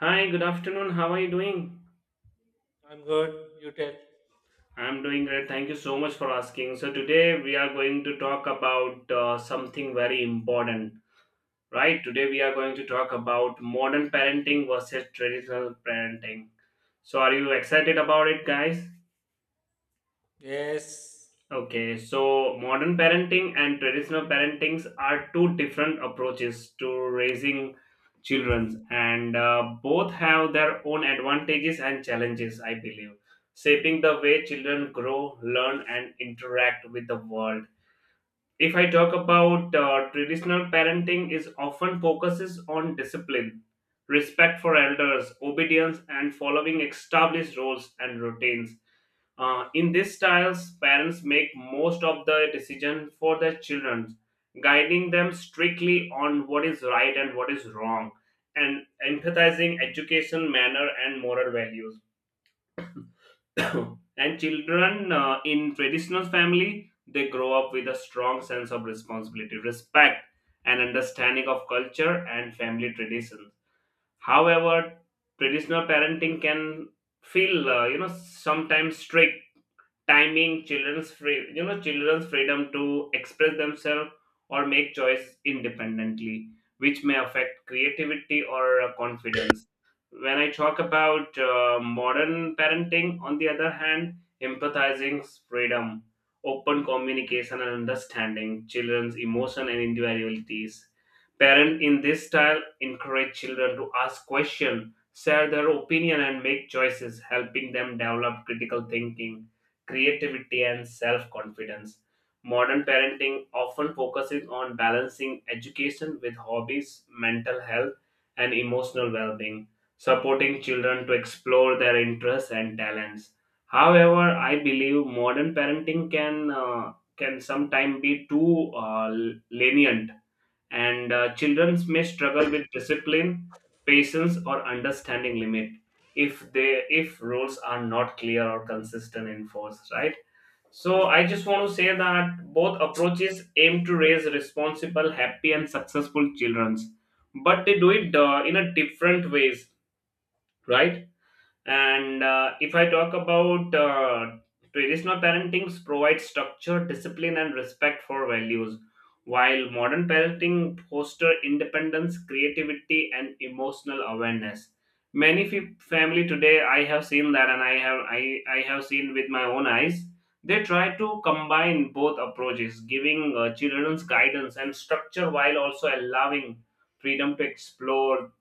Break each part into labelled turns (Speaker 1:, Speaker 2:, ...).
Speaker 1: Hi, good afternoon. How are you doing?
Speaker 2: I'm good. You tell.
Speaker 1: I'm doing great. Thank you so much for asking. So, today we are going to talk about something very important, right? Today we are going to talk about modern parenting versus traditional parenting. So, are you excited about it, guys?
Speaker 2: Yes.
Speaker 1: Okay, so modern parenting and traditional parentings are two different approaches to raising children, and both have their own advantages and challenges, I believe, shaping the way children grow, learn, and interact with the world. If I talk about traditional parenting, is often focuses on discipline, respect for elders, obedience, and following established rules and routines, in these styles, parents make most of the decision for their children, guiding them strictly on what is right and what is wrong, and emphasizing education, manner, and moral values. And children, in traditional family, they grow up with a strong sense of responsibility, respect, and understanding of culture and family traditions. However, traditional parenting can feel, sometimes strict, timing children's freedom to express themselves or make choice independently, which may affect creativity or confidence. When I talk about modern parenting, on the other hand, empathizing freedom, open communication, and understanding children's emotion and individualities. Parent in this style encourage children to ask questions, share their opinion, and make choices, helping them develop critical thinking, creativity, and self confidence. Modern parenting often focuses on balancing education with hobbies, mental health, and emotional well being, supporting children to explore their interests and talents. However, I believe modern parenting can sometimes be too lenient, and children may struggle with discipline, patience, or understanding limit if rules are not clear or consistent enforced, right? So I just want to say that both approaches aim to raise responsible, happy, and successful children, but they do it, in a different ways, right? And if I talk about traditional parenting provides structure, discipline, and respect for values, while modern parenting foster independence, creativity, and emotional awareness. Many family today, I have seen that, and I have seen with my own eyes. They try to combine both approaches, giving children's guidance and structure while also allowing freedom to explore,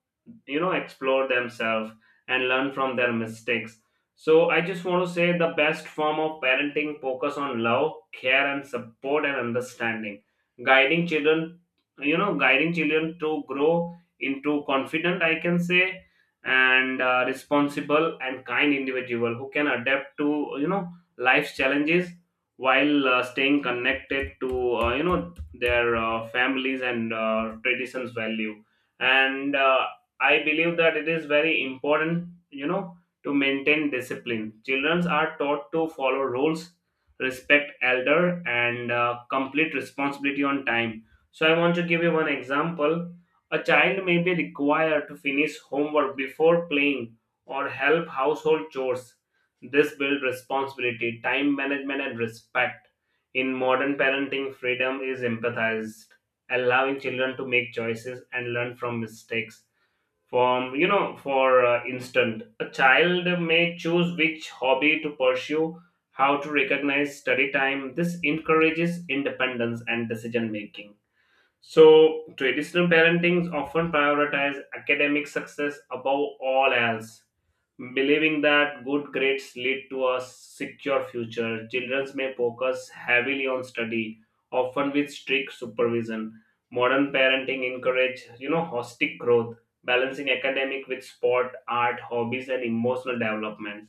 Speaker 1: explore themselves and learn from their mistakes. So I just want to say the best form of parenting focus on love, care, and support and understanding, guiding children you know guiding children to grow into confident, I can say, and responsible and kind individual who can adapt to, life's challenges, while staying connected to, their families and traditions value. And I believe that it is very important, you know, to maintain discipline. Children are taught to follow rules, respect elder, and complete responsibility on time. So I want to give you one example. A child may be required to finish homework before playing or help household chores. This builds responsibility, time management, and respect. In modern parenting, freedom is empathized, allowing children to make choices and learn from mistakes. From, you know, for instance, a child may choose which hobby to pursue, how to recognize study time. This encourages independence and decision making. So, traditional parentings often prioritize academic success above all else, believing that good grades lead to a secure future. Children may focus heavily on study, often with strict supervision. Modern parenting encourage, you know, holistic growth, balancing academic with sport, art, hobbies, and emotional development.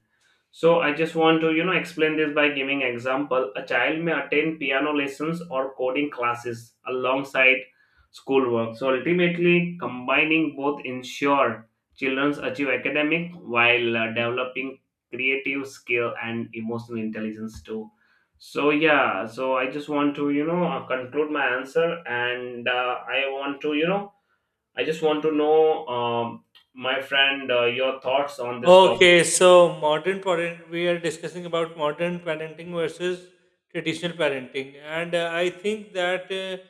Speaker 1: So I just want to, you know, explain this by giving example. A child may attend piano lessons or coding classes alongside schoolwork. So ultimately, combining both ensure children achieve academic while developing creative skill and emotional intelligence too. So yeah, so I just want to, conclude my answer, and I want to, I just want to know, my friend, your thoughts on this topic.
Speaker 2: Okay, so modern parent, we are discussing about modern parenting versus traditional parenting, and I think that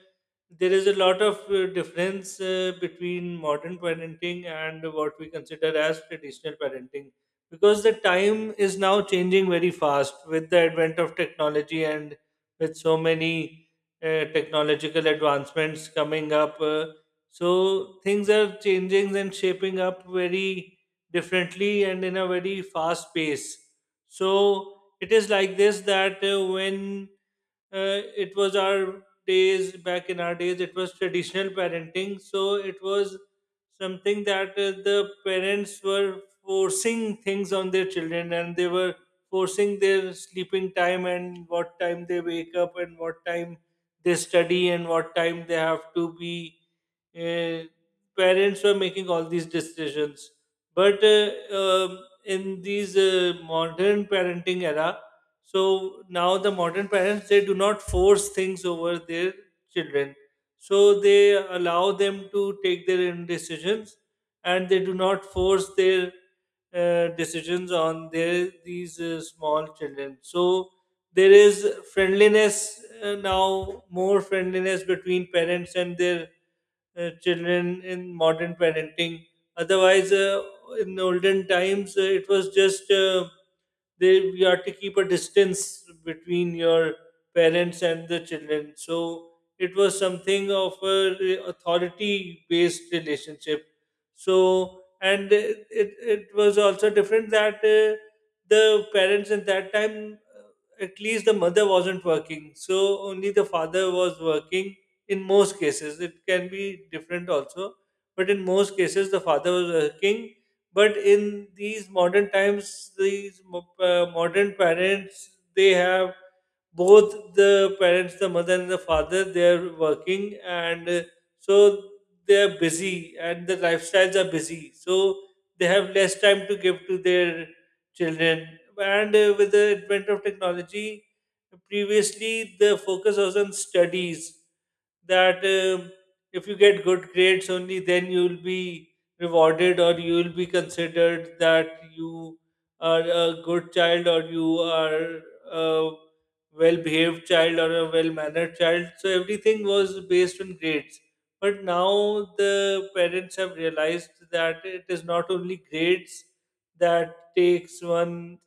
Speaker 2: there is a lot of difference between modern parenting and what we consider as traditional parenting because the time is now changing very fast with the advent of technology and with so many technological advancements coming up. So things are changing and shaping up very differently and in a very fast pace. So it is like this that when it was our days. Back in our days it was traditional parenting, so it was something that the parents were forcing things on their children, and they were forcing their sleeping time and what time they wake up and what time they study and what time they have to be uh, parents were making all these decisions, but um, in these modern parenting era, so now the modern parents, they do not force things over their children, so they allow them to take their own decisions, and they do not force their decisions on their these small children. So there is friendliness, now more friendliness between parents and their children in modern parenting. Otherwise, in olden times, it was just they, you have to keep a distance between your parents and the children, so it was something of a authority based relationship. So, and it was also different that the parents at that time, at least the mother wasn't working, so only the father was working in most cases. It can be different also, but in most cases the father was working. But in these modern times, these modern parents, they have both the parents, the mother and the father, they're working, and so they're busy and the lifestyles are busy. So they have less time to give to their children. And with the advent of technology, previously the focus was on studies, that if you get good grades, only then you'll be rewarded, or you'll be considered that you are a good child, or you are uh, well behaved child or a well mannered child. So everything was based on grades. But now the parents have realized that it is not only grades that takes one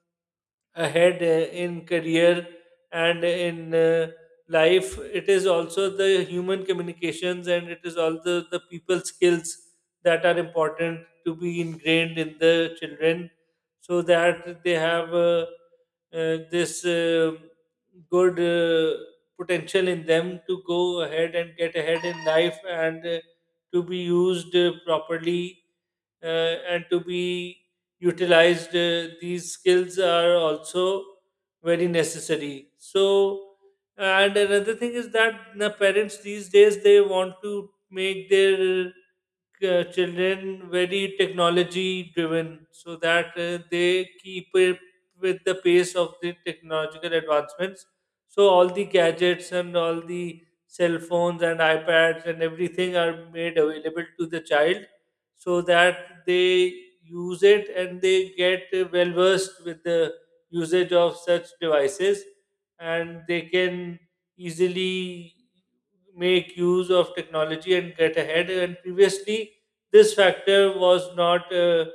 Speaker 2: ahead in career and in life. It is also the human communications and it is all the people skills that are important to be ingrained in the children, so that they have this good potential in them to go ahead and get ahead in life, and to be used properly, and to be utilized. These skills are also very necessary. So, and another thing is that the parents these days, they want to make their children very technology driven, so that they keep up with the pace of the technological advancements. So all the gadgets and all the cell phones and ipads and everything are made available to the child, so that they use it and they get well versed with the usage of such devices, and they can easily make use of technology and get ahead. And previously this factor was not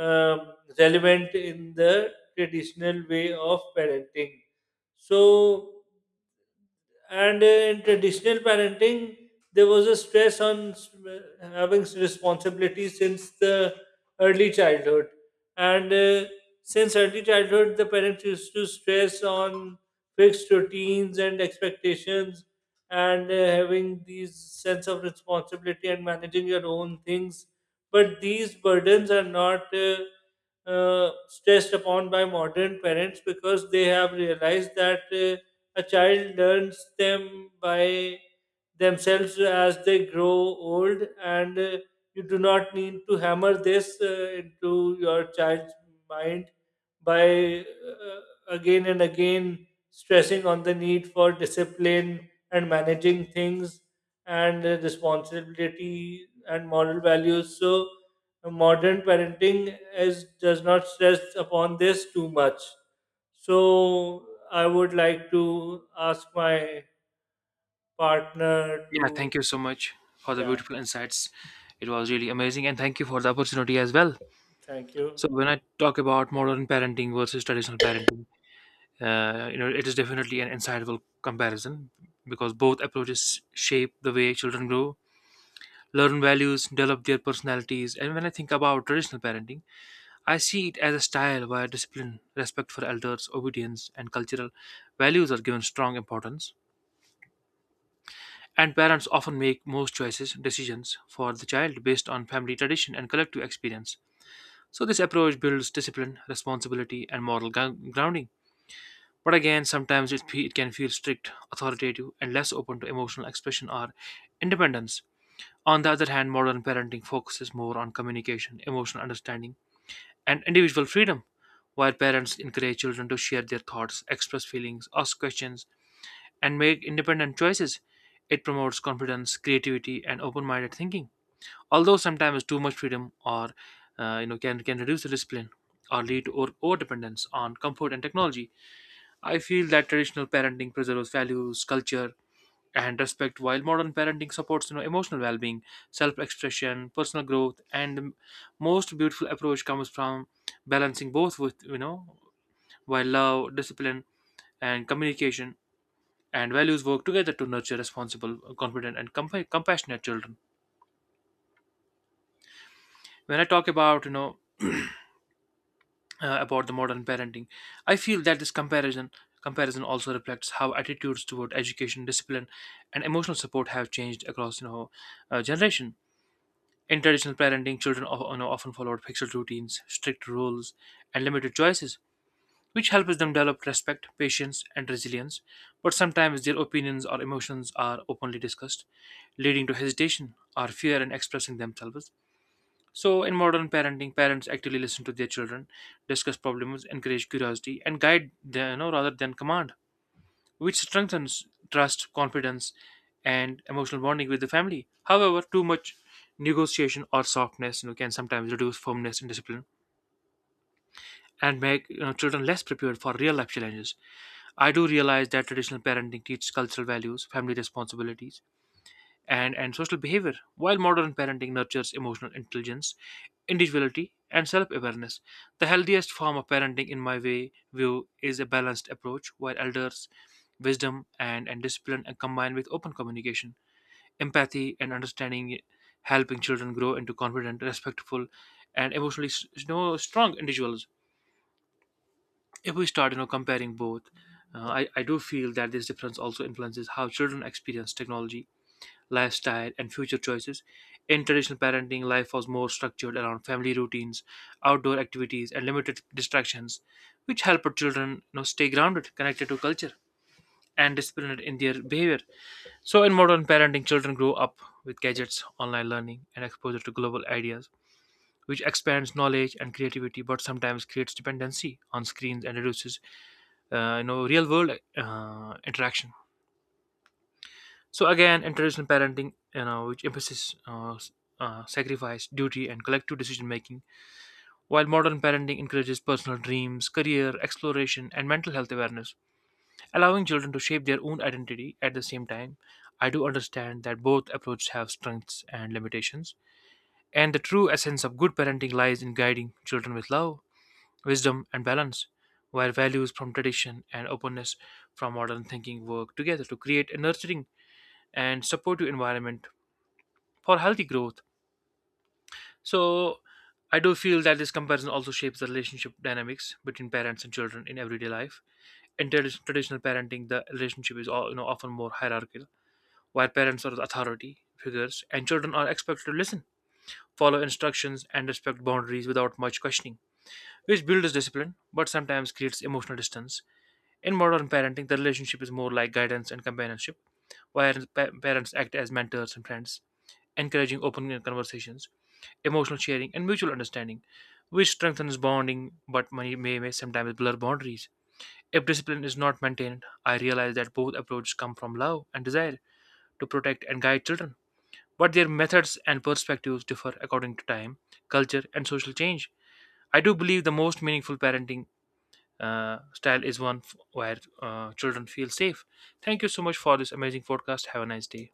Speaker 2: um, relevant in the traditional way of parenting. So, and in traditional parenting there was a stress on having responsibility since the early childhood. And since early childhood the parents used to stress on fixed routines and expectations, and having these sense of responsibility and managing your own things. But these burdens are not stressed upon by modern parents, because they have realized that a child learns them by themselves as they grow old. And you do not need to hammer this into your child's mind by again and again stressing on the need for discipline and managing things and responsibility and moral values. So, modern parenting is does not stress upon this too much. So I would like to ask my partner
Speaker 3: Yeah, thank
Speaker 2: to,
Speaker 3: you so much for the
Speaker 2: yeah,
Speaker 3: beautiful insights. It was really amazing, and thank you for the opportunity as well.
Speaker 2: thank you.
Speaker 3: So, when I talk about modern parenting versus traditional parenting, it is definitely an insightful comparison because both approaches shape the way children grow, learn values, develop their personalities. And when I think about traditional parenting, I see it as a style where discipline, respect for elders, obedience, and cultural values are given strong importance. And parents often make most choices, decisions for the child based on family tradition and collective experience. So, this approach builds discipline, responsibility, and moral grounding. But again, sometimes it can feel strict, authoritative, and less open to emotional expression or independence. On the other hand, modern parenting focuses more on communication, emotional understanding, and individual freedom, while parents encourage children to share their thoughts, express feelings, ask questions, and make independent choices. It promotes confidence, creativity, and open-minded thinking. Although sometimes too much freedom or can reduce the discipline or lead to over dependence on comfort and technology. I feel that traditional parenting preserves values, culture, and respect, while modern parenting supports emotional well-being, self-expression, personal growth, and the most beautiful approach comes from balancing both with while love, discipline, and communication and values work together to nurture responsible, confident, and compassionate children. When I talk about about the modern parenting, I feel that this comparison also reflects how attitudes toward education, discipline, and emotional support have changed across generation. In traditional parenting, children often followed fixed routines, strict rules, and limited choices, which helps them develop respect, patience, and resilience. But sometimes their opinions or emotions are openly discussed, leading to hesitation or fear in expressing themselves. So, in modern parenting, parents actively listen to their children, discuss problems, encourage curiosity, and guide them, rather than command, which strengthens trust, confidence, and emotional bonding with the family. However, too much negotiation or softness, can sometimes reduce firmness and discipline and make, children less prepared for real life challenges. I do realize that traditional parenting teaches cultural values, family responsibilities, and social behavior, while modern parenting nurtures emotional intelligence, individuality, and self awareness. The healthiest form of parenting, in my way, view, is a balanced approach where elders' wisdom and discipline are combined with open communication, empathy, and understanding, helping children grow into confident, respectful, and emotionally strong individuals. If we start comparing both, I do feel that this difference also influences how children experience technology, lifestyle, and future choices. In traditional parenting, life was more structured around family routines, outdoor activities, and limited distractions, which help our children, stay grounded, connected to culture, and disciplined in their behavior. So in modern parenting, children grow up with gadgets, online learning, and exposure to global ideas, which expands knowledge and creativity but sometimes creates dependency on screens and reduces real world interaction. So again, in traditional parenting, which emphasizes sacrifice, duty, and collective decision making, while modern parenting encourages personal dreams, career exploration, and mental health awareness, allowing children to shape their own identity. At the same time, I do understand that both approaches have strengths and limitations, and the true essence of good parenting lies in guiding children with love, wisdom, and balance, while values from tradition and openness from modern thinking work together to create a nurturing and supportive environment for healthy growth. So, I do feel that this comparison also shapes the relationship dynamics between parents and children in everyday life. In traditional parenting, the relationship is all, often more hierarchical, while parents are the authority figures and children are expected to listen, follow instructions, and respect boundaries without much questioning, which builds discipline but sometimes creates emotional distance. In modern parenting, the relationship is more like guidance and companionship, where parents act as mentors and friends, encouraging open conversations, emotional sharing, and mutual understanding, which strengthens bonding but may sometimes blur boundaries. If discipline is not maintained, I realize that both approaches come from love and desire to protect and guide children, but their methods and perspectives differ according to time, culture, and social change. I do believe the most meaningful parenting style is one where children feel safe. Thank you so much for this amazing podcast. Have a nice day.